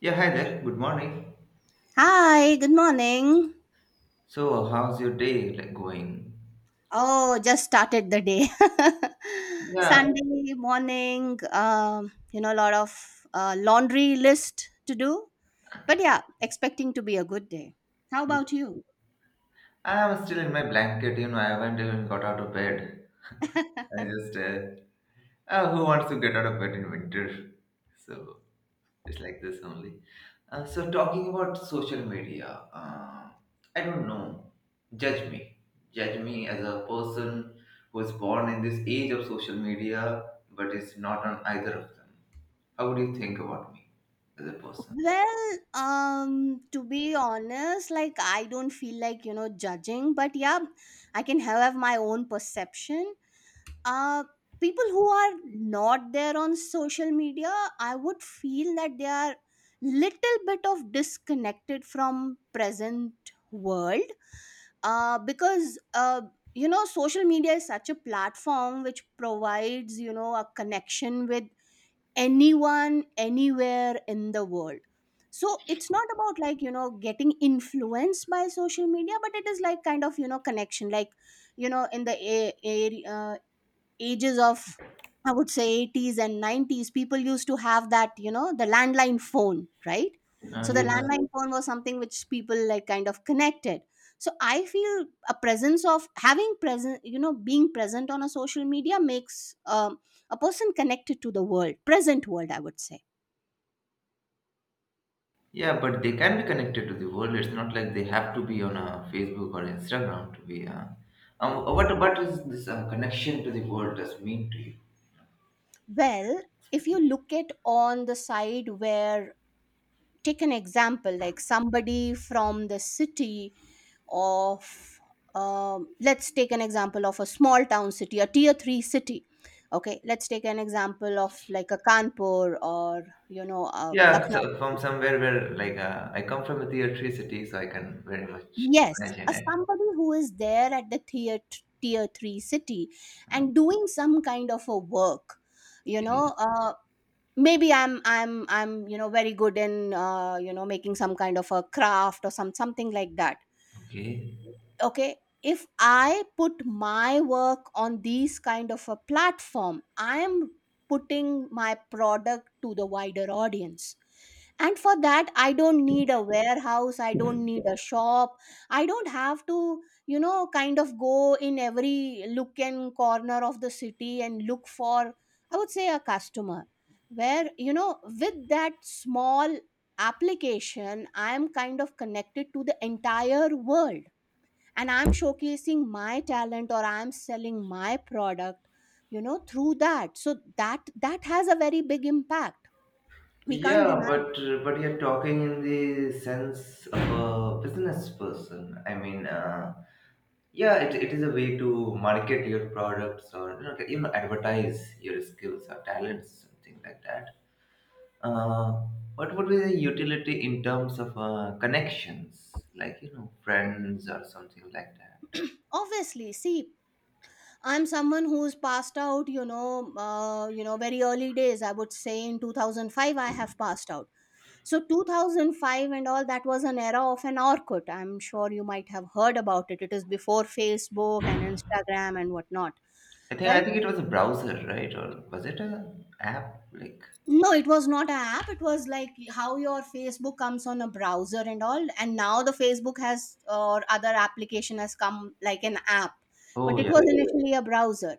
Yeah, hi there. Good morning. Hi, good morning. So, how's your day like, going? Oh, just started the day. Yeah, Sunday morning, a lot of laundry list to do. But yeah, expecting to be a good day. How about you? I'm still in my blanket. I haven't even got out of bed. I just, uh, who wants to get out of bed in winter? So it's like this only. So talking about social media, uh, I don't know. Judge me, judge me as a person who is born in this age of social media, but is not on either of them. How would you think about me as a person? Well, to be honest, I don't feel like judging, but yeah, I can have my own perception. uh People who are not there on social media, I would feel that they are little bit of disconnected from present world, because social media is such a platform which provides, you know, a connection with anyone anywhere in the world. So it's not about getting influenced by social media, but it is like kind of, you know, connection. Like, in the area, ages of, I would say, 80s and 90s, people used to have that, you know, the landline phone, right? So the Yes. landline phone was something which people like kind of connected. So I feel a presence of having present, you know, being present on a social media makes a person connected to the world, present world, I would say. Yeah, but they can be connected to the world. It's not like they have to be on a Facebook or Instagram to be. What is this connection to the world does mean to you? Well, if you look at on the side where, take an example like somebody from the city of, let's take an example of a small town city, a tier 3 city. Okay, let's take an example of like a Kanpur or, Yeah, Lucknow. so from somewhere where like I come from a tier three city, so I can very much Yes, imagine a it. somebody who is there at the tier 3 city Uh, and doing some kind of a work, you Okay, know uh, maybe I'm you know very good in, making some kind of a craft or something like that. okay. Okay, if I put my work on these kind of a platform, I am putting my product to the wider audience. And for that, I don't need a warehouse, I don't need a shop, I don't have to, you know, kind of go in every look and corner of the city and look for, I would say, a customer. Where, you know, with that small application, I am kind of connected to the entire world and I'm showcasing my talent or I'm selling my product, you know, through that. So that has a very big impact, we can't Yeah, deny. but you're talking in the sense of a business person. I mean, yeah, it is a way to market your products or you know, even advertise your skills or talents, something like that. Uh, what would be the utility in terms of connections, like friends or something like that? Obviously, see, I'm someone who's passed out, very early days, I would say, in 2005 I have passed out. So 2005 and all, that was an era of an Orkut. I'm sure you might have heard about it. It is before Facebook and Instagram and whatnot. I think I Right, think it was a browser, right? Or was it a app? Like, no, it was not an app. It was like how your Facebook comes on a browser and all, and now the Facebook has, or other application has come like an app, oh but it yeah, was initially a browser.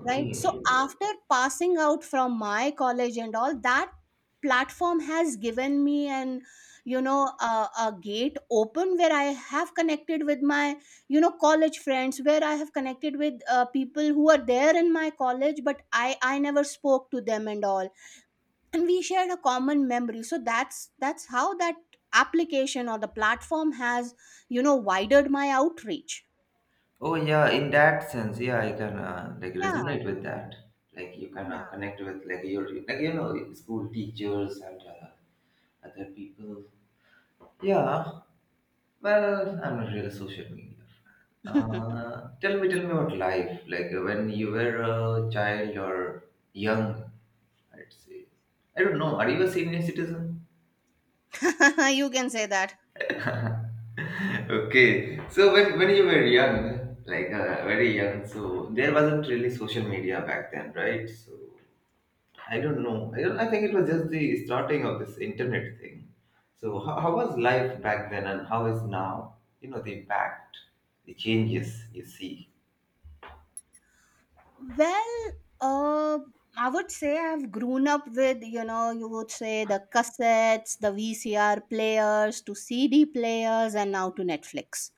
Right, so after passing out from my college and all, that platform has given me an, you know, a gate open where I have connected with my, you know, college friends, where I have connected with, people who are there in my college but I never spoke to them and all, and we shared a common memory. So that's how that application or the platform has, you know, widened my outreach. Oh yeah, in that sense, yeah, I can like Yeah. resonate with that. Like you can connect with like your like school teachers and other people. Yeah, well, I'm not really social media. Yeah. Tell me about life. Like when you were a child or young, I'd say. I don't know. Are you a senior citizen? You can say that. Okay, so when you were young, like very young, so there wasn't really social media back then, right? So I don't know. I, don't, I think it was just the starting of this internet thing. So how was life back then and how is now? The impact, the changes you see. Well uh I would say I've grown up with, you know, you would say, the cassettes, the VCR players, to CD players, and now to Netflix.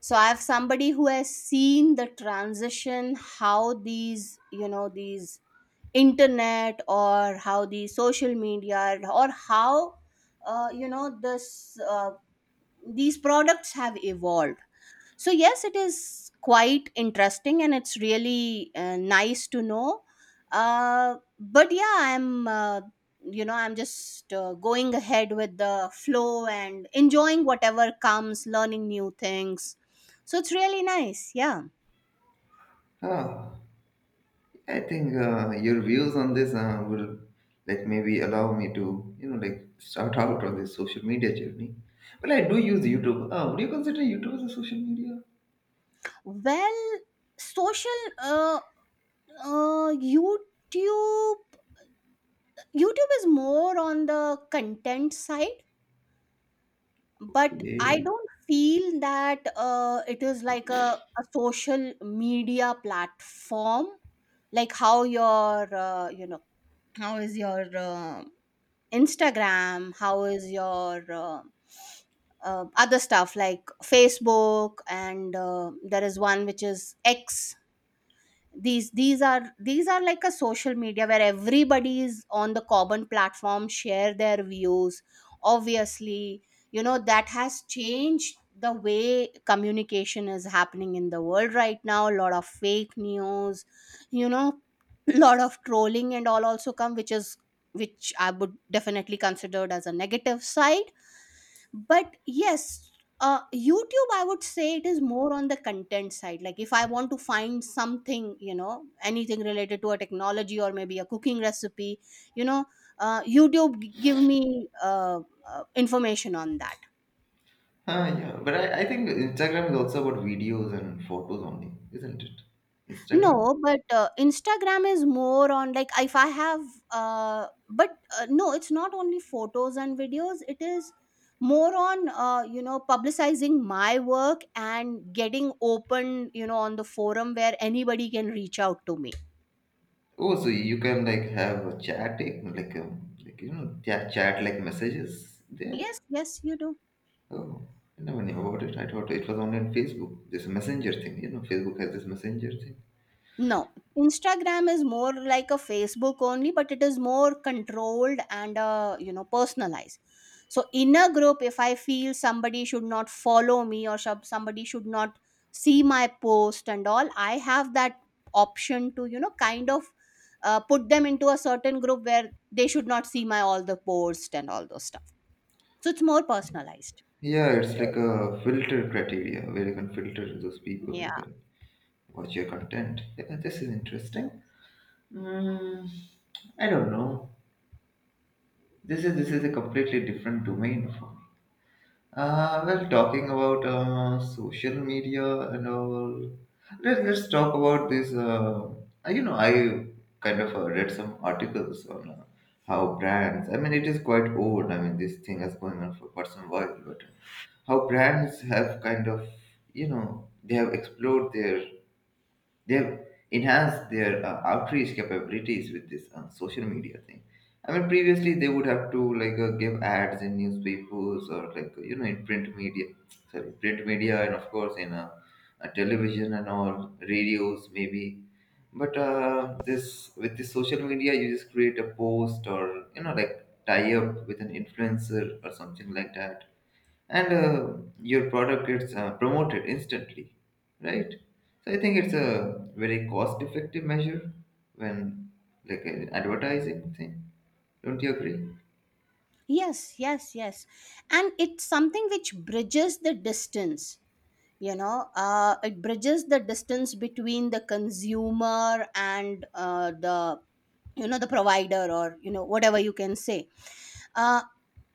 So I have, somebody who has seen the transition how these, you know, these internet, or how the social media, or how, you know this these products have evolved. So yes, it is quite interesting and it's really, nice to know. But yeah, I'm you know I'm just going ahead with the flow and enjoying whatever comes, learning new things. So it's really nice, yeah. Ah, I think your views on this will like maybe allow me to like start out on this social media journey. Well, I do use YouTube. Would you consider YouTube as a social media? Well social uh, uh youtube YouTube is more on the content side, but Yeah. I don't feel that it is like a social media platform, like how your, how is your, Instagram, how is your, other stuff like Facebook, and there is one which is X. These are like a social media where everybody is on the common platform, share their views. Obviously, you know, that has changed the way communication is happening in the world right now. A lot of fake news, you know, lot of trolling and all also come, which is which I would definitely considered as a negative side. But yes, YouTube, I would say, it is more on the content side. Like if I want to find something, you know, anything related to a technology or maybe a cooking recipe, you know, give me, information on that. Ah, yeah. But I think Instagram is also about videos and photos only, isn't it? Instagram. No, but Instagram is more on like if I have, but no, it's not only photos and videos. It is more on, you know, publicizing my work and getting open, you know, on the forum where anybody can reach out to me. Oh, so you can like have a chat, like chat like messages there. Yes, yes, you do. Oh, I never knew about it. I thought it was only on Facebook. This messenger thing, Facebook has this messenger thing. No, Instagram is more like a Facebook only, but it is more controlled and, you know, personalized. So in a group, if I feel somebody should not follow me, or somebody should not see my post and all, I have that option to, you know, kind of, put them into a certain group where they should not see my all the posts and all those stuff. So it's more personalized. Yeah, it's like a filter criteria where you can filter those people who Yeah. can watch your content. Yeah, this is interesting. Mm, I don't know. This is a completely different domain for me. Well, talking about social media and all, let's talk about this. I kind of read some articles on how brands, I mean, it is quite old. I mean, this thing has going on for quite some while, but how brands have kind of, you know, they have explored their they've enhanced their outreach capabilities with this social media thing. I mean, previously they would have to like give ads in newspapers or like in print media, sorry, print media, and of course in television and all radios maybe. But this with this social media, you just create a post or like tie up with an influencer or something like that and your product gets promoted instantly, right? So I think it's a very cost-effective measure when like an advertising thing. Don't you agree? Yes, yes, yes. And it's something which bridges the distance, you know, it bridges the distance between the consumer and, the, you know, the provider, or, you know, whatever you can say. uh,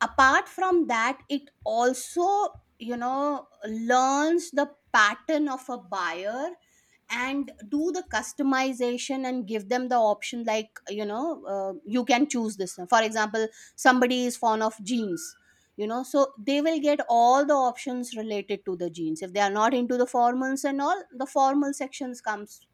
Apart from that, it also, you know, learns the pattern of a buyer, and do the customization and give them the option, like, you know, you can choose this. For example, somebody is fond of jeans, you know, so they will get all the options related to the jeans. If they are not into the formals and all, the formal sections comes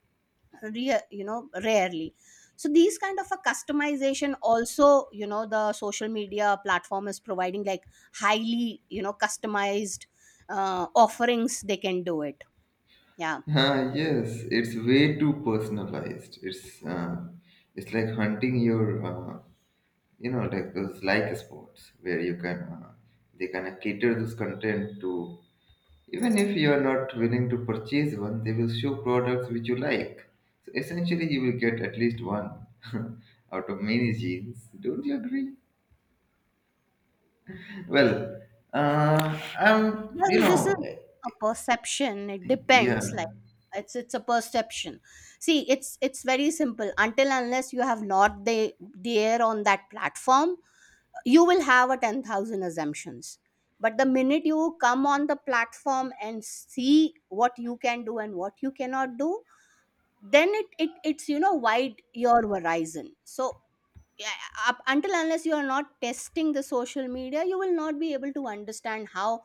you know, rarely. So these kind of a customization also, you know, the social media platform is providing. Like highly, you know, customized, offerings they can do it, yeah. Ah, yes, it's way too personalized. It's like hunting your like those like sports where you can they kind of cater this content to. Even if you are not willing to purchase one, they will show products which you like. So essentially, you will get at least one out of many jeans. Don't you agree? Well, uh, I'm, you Well, this is know, a perception. It depends. yeah. It's a perception. See, it's very simple. Until unless you have not the there on that platform, you will have a 10,000 assumptions. But the minute you come on the platform and see what you can do and what you cannot do, then it's you know wide your horizon. So yeah, up until unless you are not testing the social media, you will not be able to understand how,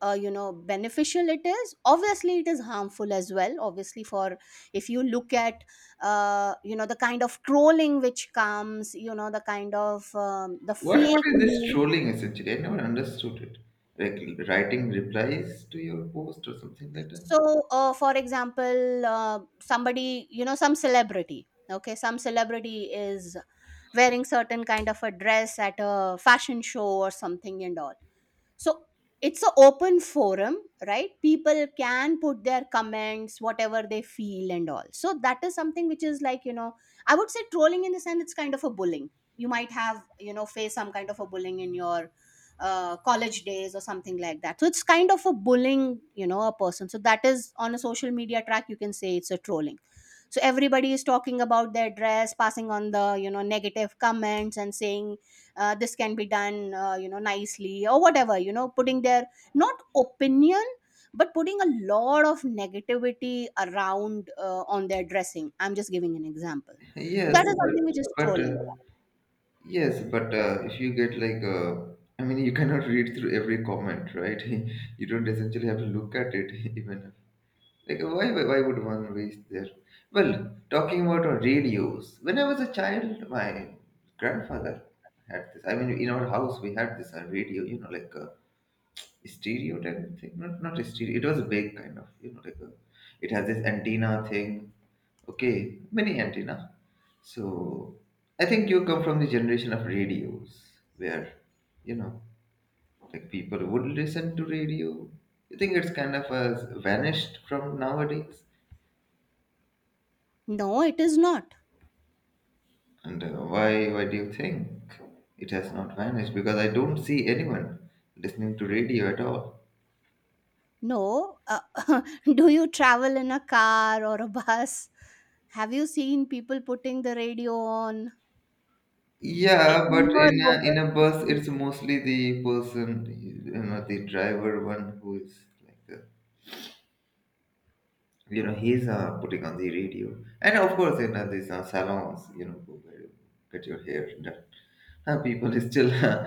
you know, beneficial it is. Obviously it is harmful as well, obviously, for, if you look at, you know, the kind of trolling which comes, you know, the kind of, the What fake what is this news. trolling essentially? I never understood it. Like writing replies to your post or something like that. So for example, somebody, you know, some celebrity, okay, some celebrity is wearing certain kind of a dress at a fashion show or something and all. So it's an open forum, right? People can put their comments whatever they feel and all. So that is something which is, like, you know, I would say trolling. In the sense, it's kind of a bullying. You might have, you know, face some kind of a bullying in your, college days or something like that. So it's kind of a bullying, you know, a person. So that is on a social media track, you can say it's a trolling. So everybody is talking about their dress, passing on the, you know, negative comments and saying, this can be done, you know, nicely or whatever, you know, putting their, not opinion, but putting a lot of negativity around, on their dressing. I'm just giving an example. So Yes, that is but something which is but uh, trolling. Yes, but if you get like, I mean, you cannot read through every comment, right? You don't essentially have to look at it, even like why would one waste their? Well, talking about our radios. When I was a child, my grandfather had this. I mean, in our house we had this radio, like a stereo type of thing. Not a stereo. It was a big kind of, like a. It has this antenna thing. Okay, mini antenna. So I think you come from the generation of radios where, you know, like people would listen to radio. You think it's kind of has vanished from nowadays? No, it is not. And why do you think it has not vanished? Because I don't see anyone listening to radio at all. No, do you travel in a car or a bus? Have you seen people putting the radio on Yeah, but in your local in a bus, city? it's mostly the person, the driver one who is like he's putting on the radio, and of course these salons where you get your hair done, people still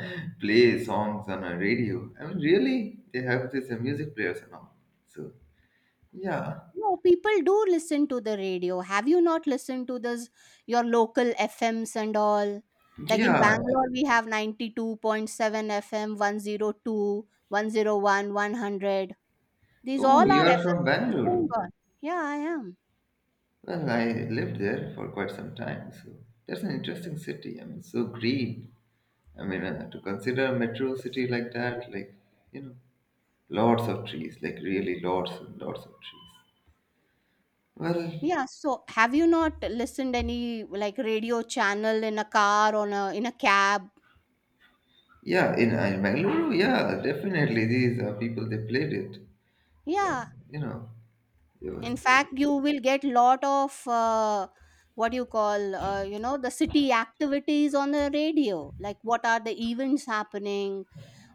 play songs on a radio. I mean, really they have these music players and all. So yeah, No, people do listen to the radio. Have you not listened to this your local FMs and all? Like in yeah. Bangalore, we have 92.7 FM, 102, 101, 100. These Oh, all you are are from FMs which is Bangalore. going on. Yeah, I am. Well, I lived there for quite some time. So that's an interesting city. I mean, so green. I mean, to consider a metro city like that, like you know lots of trees, like really lots and lots of trees. Well, Yeah, so have you not listened any like radio channel in a car, on a in a cab? yeah, in Mangalore, yeah, definitely. These are people they played it. Yeah, Yeah, you know, it was. in fact you will get lot of what you call the city activities on the radio, like what are the events happening.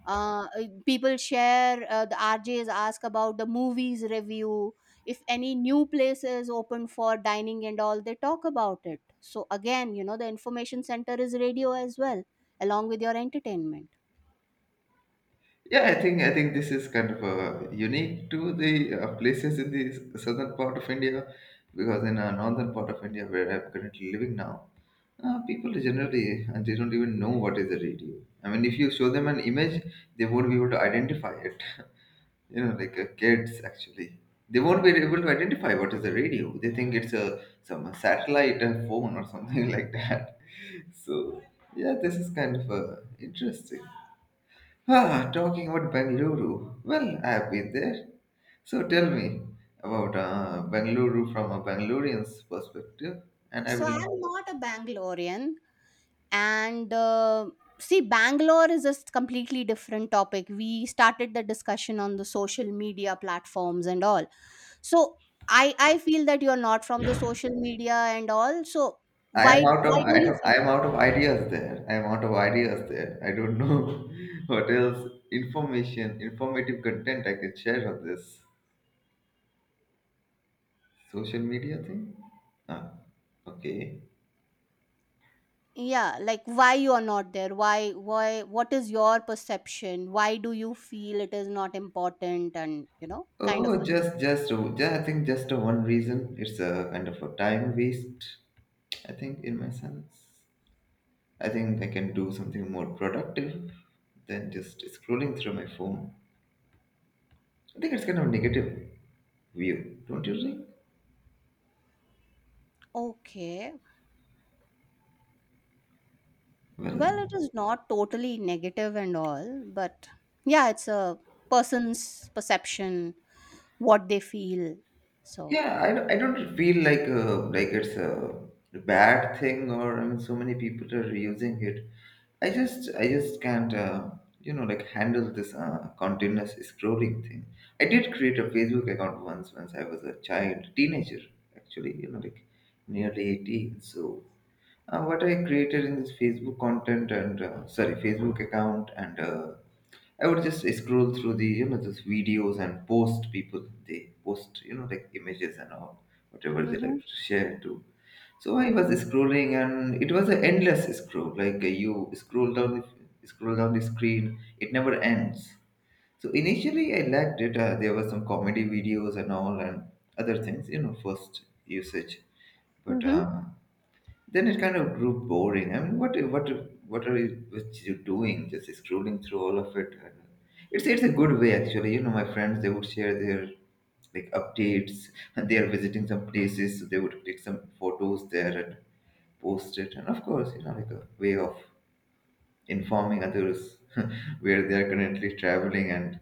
People share, the rjs ask about the movies review. If any new places open for dining and all, they talk about it. So again, you know, the information center is radio as well, along with your entertainment. Yeah, I think this is kind of unique to the places in the southern part of India, because in our northern part of India, where I'm currently living now, people generally they don't even know what is a radio. I mean, if you show them an image, they won't be able to identify it. Like kids actually, they won't be able to identify what is a radio. They think it's a some satellite phone or something like that. So yeah, this is kind of interesting. Ah, talking about Bengaluru, well, I have been there. So tell me about Bengaluru from a Bangalorean's perspective, and I So will, I'm not a bangalorean. And See, bangalore is a completely different topic. We started the discussion on the social media platforms and all, so I feel that you're not from the social media and all. So I why am out of, why I, do you do, feel? I am out of ideas there. I don't know what else information informative content I can share on this social media thing. Ah, okay. Yeah, like why you are not there? Why what is your perception? Why do you feel it is not important, and you know, kind of Oh, a thing. just yeah, I think just one reason. It's a kind of a time waste. I think in my sense, I think I can do something more productive than just scrolling through my phone. I think it's kind of a negative view, don't you think? Okay. Well. Well, it is not totally negative and all, but yeah, it's a person's perception, what they feel. So, Yeah, I don't feel like it's a bad thing or I mean so many people are using it. I just can't like handle this continuous scrolling thing. I did create a Facebook account once, once I was a child teenager actually, like nearly 18. So what I created in this Facebook content, and sorry, Facebook account, and I would just scroll through the those videos and post people they post like images and all, whatever they mm-hmm, like to share to. So I was mm-hmm, scrolling and it was an endless scroll. Like you scroll down the screen, it never ends. So initially I liked it. There were some comedy videos and all, and other things, first usage, but mm-hmm. Then it kind of grew boring. I mean, what you doing? Just scrolling through all of it. And it's a good way actually. My friends they would share their like updates, and they are visiting some places, so they would take some photos there and post it. And of course, like a way of informing others where they are currently traveling and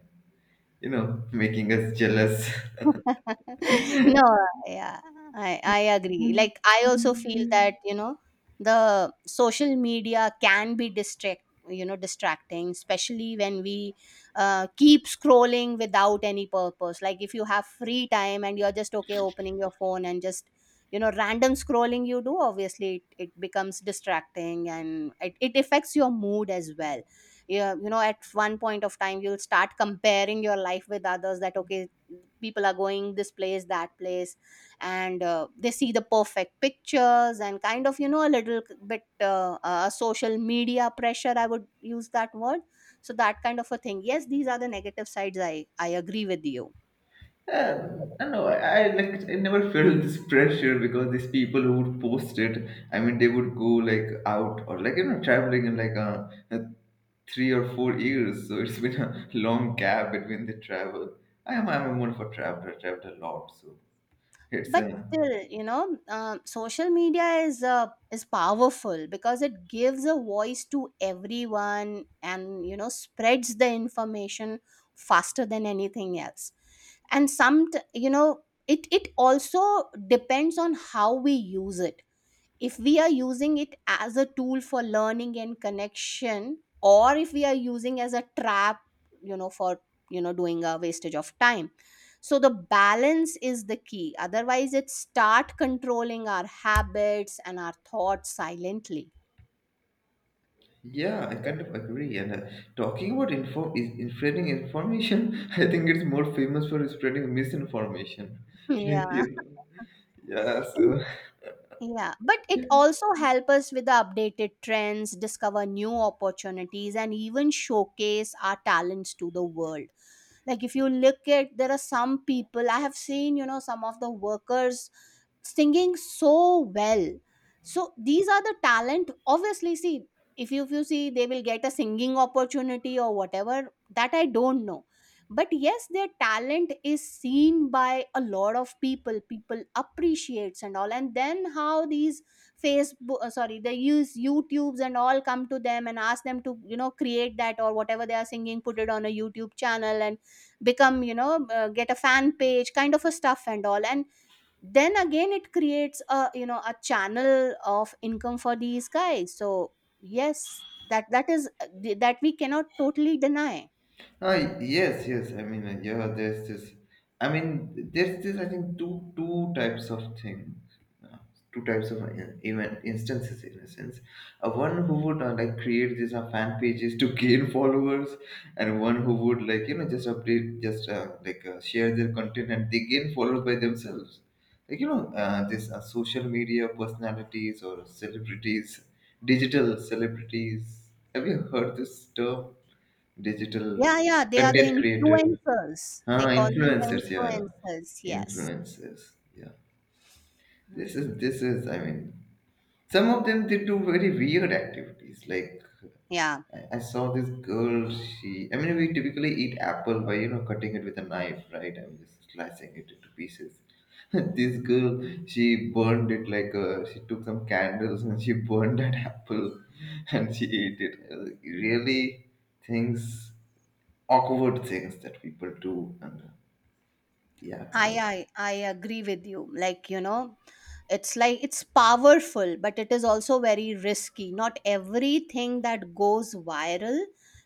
making us jealous. No, yeah, I agree. Like, I also feel that, you know, the social media can be distract you know, distracting, especially when we keep scrolling without any purpose. Like, if you have free time and you're just okay opening your phone and just, you know, random scrolling you do, obviously it becomes distracting, and it affects your mood as well. Yeah, you know, at one point of time, you'll start comparing your life with others. That okay, people are going this place, that place, and they see the perfect pictures, and kind of, you know, a little bit social media pressure, I would use that word. So that kind of a thing. Yes, these are the negative sides. I agree with you. Uh, I know. I like. I never felt this pressure because these people who would post it. I mean, they would go like out or like traveling in like uh, 3 or 4 years. So it's been a long gap between the travel. I am. I'm more of a traveler. I traveled a lot. So it's But still, you know, social media is, is powerful because it gives a voice to everyone, and you know, spreads the information faster than anything else. And you know, it also depends on how we use it. If we are using it as a tool for learning and connection, or if we are using as a trap, you know, for, you know, doing a wastage of time. So the balance is the key, otherwise it start controlling our habits and our thoughts silently. yeah. I kind of agree. And talking about spreading information. I think it's more famous for spreading misinformation. Like you Yeah. Yeah. And, So. yeah, but it also help us with the updated trends, discover new opportunities, and even showcase our talents to the world. Like, if you look at, there are some people, I have seen, you know, some of the workers singing so well. So these are the talent, obviously. See, if you see, they will get a singing opportunity or whatever, that I don't know. But yes, their talent is seen by a lot of people. People appreciates and all, and then how these facebook, sorry, they use youtubes and all, come to them and ask them to, you know, create that or whatever they are singing, put it on a youtube channel, and become, you know, get a fan page kind of a stuff and all. And then again, it creates a, you know, a channel of income for these guys. So yes, that is that we cannot totally deny. Ah, yes, yes. Yeah, there's this. I think two types of things, uh, two types of event instances in a sense. One who would like create these fan pages to gain followers, and one who would just update, just share their content, and they gain followers by themselves. This social media personalities or celebrities, digital celebrities. Have you heard this term? Digital Yeah, yeah, they are the content creator. influencers, Huh? they call them the Influencers, yeah. influencers, yes. Influencers. Yeah. this Mm. is this is some of them they do very weird activities. Like, Yeah, I saw this girl. She, we typically eat apple by cutting it with a knife, right? I mean, just slicing it into pieces. This girl, she burned it like a, she took some candles and she burned that apple, and she ate it. I was like, really? Things, awkward things that people do. And Yeah, I agree with you. Like, you know, it's like it's powerful, but it is also very risky. Not everything that goes viral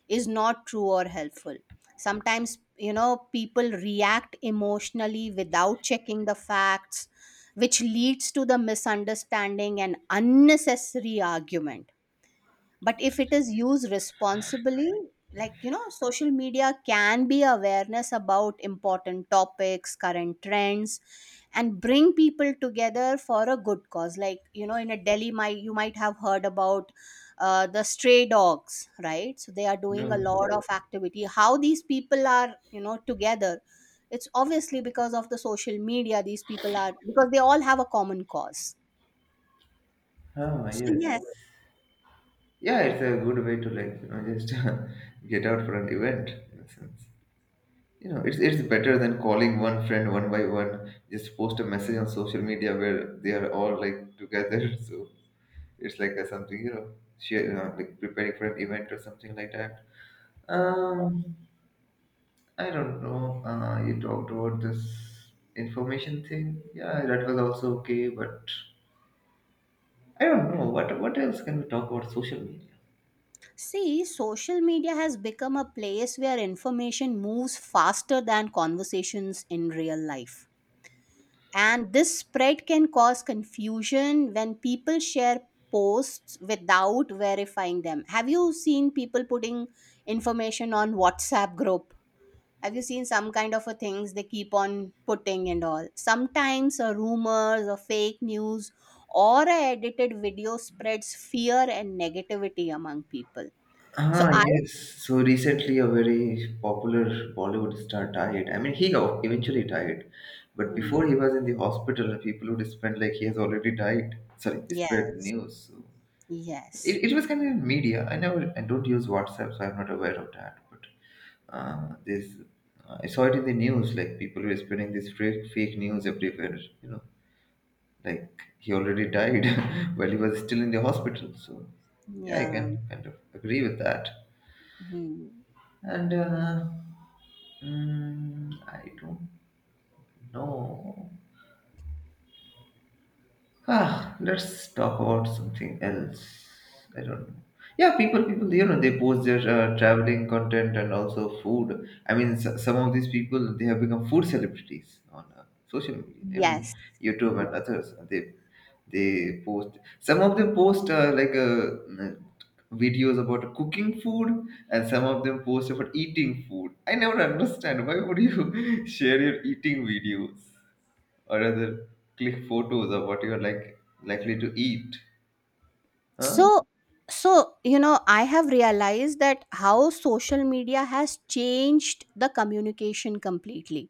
is not true or helpful. Sometimes, you know, people react emotionally without checking the facts, which leads to the misunderstanding and unnecessary argument. But if it is used responsibly, like you know, social media can be awareness about important topics, current trends, and bring people together for a good cause. Like, you know, in a delhi, my, you might have heard about, the stray dogs, right? So they are doing a no. lot of activity, how these people are, you know, together. It's obviously because of the social media, these people are, because they all have a common cause. Ah, So yes. yes. Yeah, it's a good way to just get out for an event in a sense. You know, it's better than calling one friend one by one. Just post a message on social media where they are all like together. So it's like a, something, you know, share, you know, like preparing for an event or something like that. um I don't know, you talked about this information thing. Yeah, that was also okay, but I don't know what else can we talk about social media. See, social media has become a place where information moves faster than conversations in real life. And this spread can cause confusion when people share posts without verifying them. Have you seen people putting information on WhatsApp group? Have you seen some kind of a things they keep on putting and all? Sometimes a rumors or fake news or a edited video spreads fear and negativity among people. So Ah, I. yes. So recently, a very popular Bollywood star died. I mean, he got- eventually died, but before Mm. he was in the hospital, people would spread like he has already died. Sorry, spread Yes. news. So Yes. it was kind of in media. I don't use WhatsApp, so I'm not aware of that. But this, I saw it in the news. Like people were spreading this fake news everywhere. You know. Like he already died while he was still in the hospital. So yeah, I Yeah. can kind of agree with that. Mhm. And uh, I don't know. Ah, let's talk about something else. I don't know. Yeah, you know, they post their traveling content and also food. I mean, s- some of these people they have become food celebrities on social media and Yes. YouTube Yeah. and others. They post. Some of them post videos about cooking food, and some of them post about eating food. I never understand why would you share your eating videos, or rather click photos of what you're like likely to eat. Huh? So, so you know, I have realized that how social media has changed the communication completely.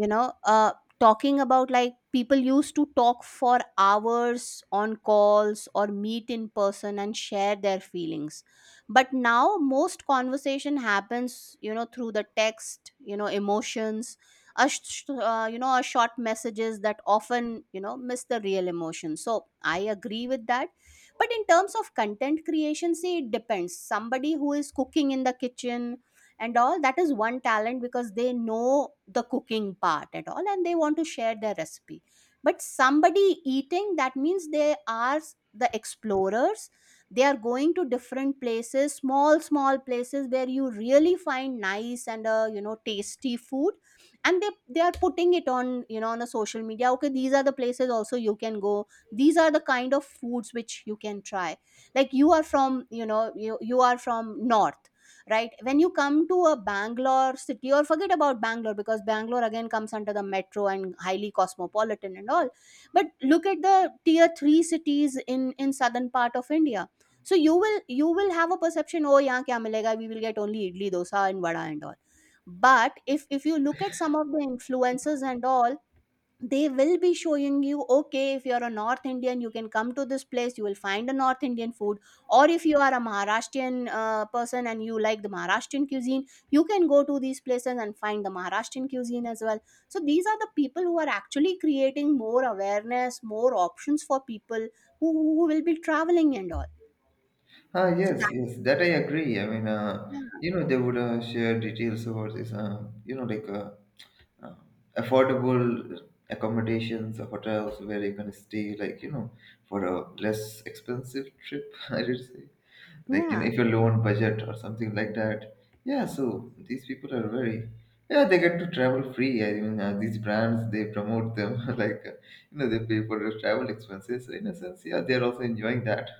You know talking about, like, people used to talk for hours on calls or meet in person and share their feelings. But now most conversation happens, you know, through the text, you know, emotions, you know, a short messages that often, you know, miss the real emotion. So I agree with that. But in terms of content creation, see, it depends. Somebody who is cooking in the kitchen and all, that is one talent because they know the cooking part at all, and they want to share their recipe. But somebody eating, that means they are the explorers. They are going to different places, small small places, where you really find nice and, you know, tasty food. And they are putting it on, you know, on a social media. Okay, these are the places also you can go, these are the kind of foods which you can try. Like, you are from, you know, you are from north, right? When you come to a bangalore city, or forget about bangalore, because bangalore again comes under the metro and highly cosmopolitan and all. But look at the tier 3 cities in southern part of india. So you will have a perception, oh yeah, kya milega, we will get only idli dosa and vada and all. But if you look at some of the influences and all, they will be showing you, okay, if you're a north indian, you can come to this place, you will find a north indian food. Or if you are a maharashtrian, person, and you like the maharashtrian cuisine, you can go to these places and find the maharashtrian cuisine as well. So these are the people who are actually creating more awareness, more options for people who will be traveling and all. Ah, So yes, that, yes, that I agree. You know, they would share details about this, uh, affordable accommodations, or hotels where you can stay, like, you know, for a less expensive trip, I would say. Like, you know, yeah. if you're low on budget or something like that. Yeah, so these people are very, yeah, they get to travel free. These brands they promote them, like uh, you know, they pay for their travel expenses. So in a sense, yeah, they're also enjoying that.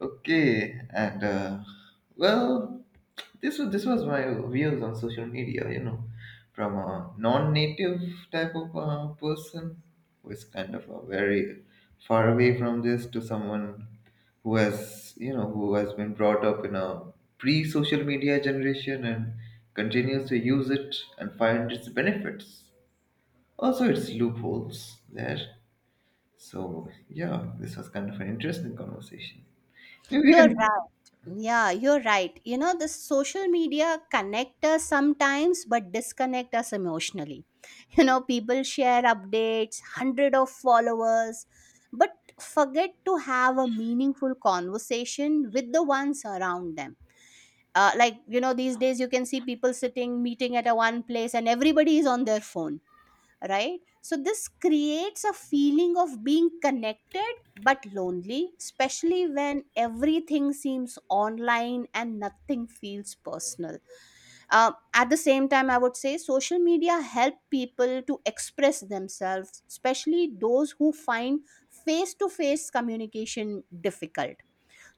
Okay, well, this was my views on social media. You know, from a non-native type of person who is kind of a very far away from this, to someone who has, you know, who has been brought up in a pre-social media generation and continues to use it and find its benefits. Also, its loopholes there. So yeah, this was kind of an interesting conversation. Maybe we You're can. right. Yeah, you're right. You know, the social media connect us sometimes, but disconnect us emotionally. You know, people share updates, hundred of followers, but forget to have a meaningful conversation with the ones around them. Like you know, these days you can see people sitting, meeting at a one place, and everybody is on their phone, right? So, this creates a feeling of being connected but lonely, especially when everything seems online and nothing feels personal. At the same time, I would say social media help people to express themselves, especially those who find face to face communication difficult.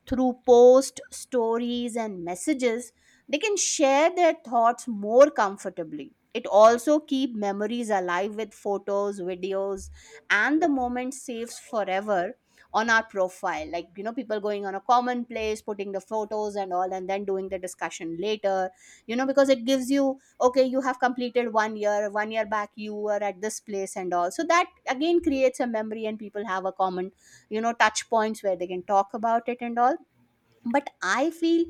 Through posts, stories, and messages, they can share their thoughts more comfortably. It also keep memories alive with photos, videos, and the moment saves forever on our profile. Like you know, people going on a common place, putting the photos and all, and then doing the discussion later. You know, because it gives you okay, you have completed one year. One year back, you were at this place and all. So that again creates a memory, and people have a common, you know, touch points where they can talk about it and all. But I feel,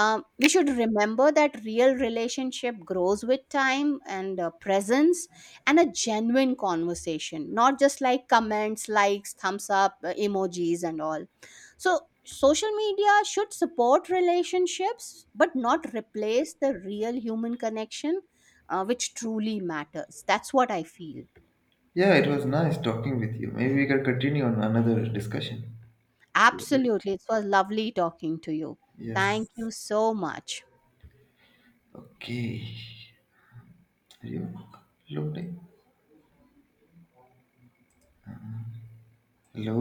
we should remember that real relationship grows with time and, presence, and a genuine conversation, not just like comments, likes, thumbs up, emojis and all. So social media should support relationships but not replace the real human connection, which truly matters. That's what I feel. Yeah, it was nice talking with you. Maybe we can continue on another discussion. Absolutely, it was lovely talking to you. Thank Yes. you so much. Okay. Are you uploading? Hello?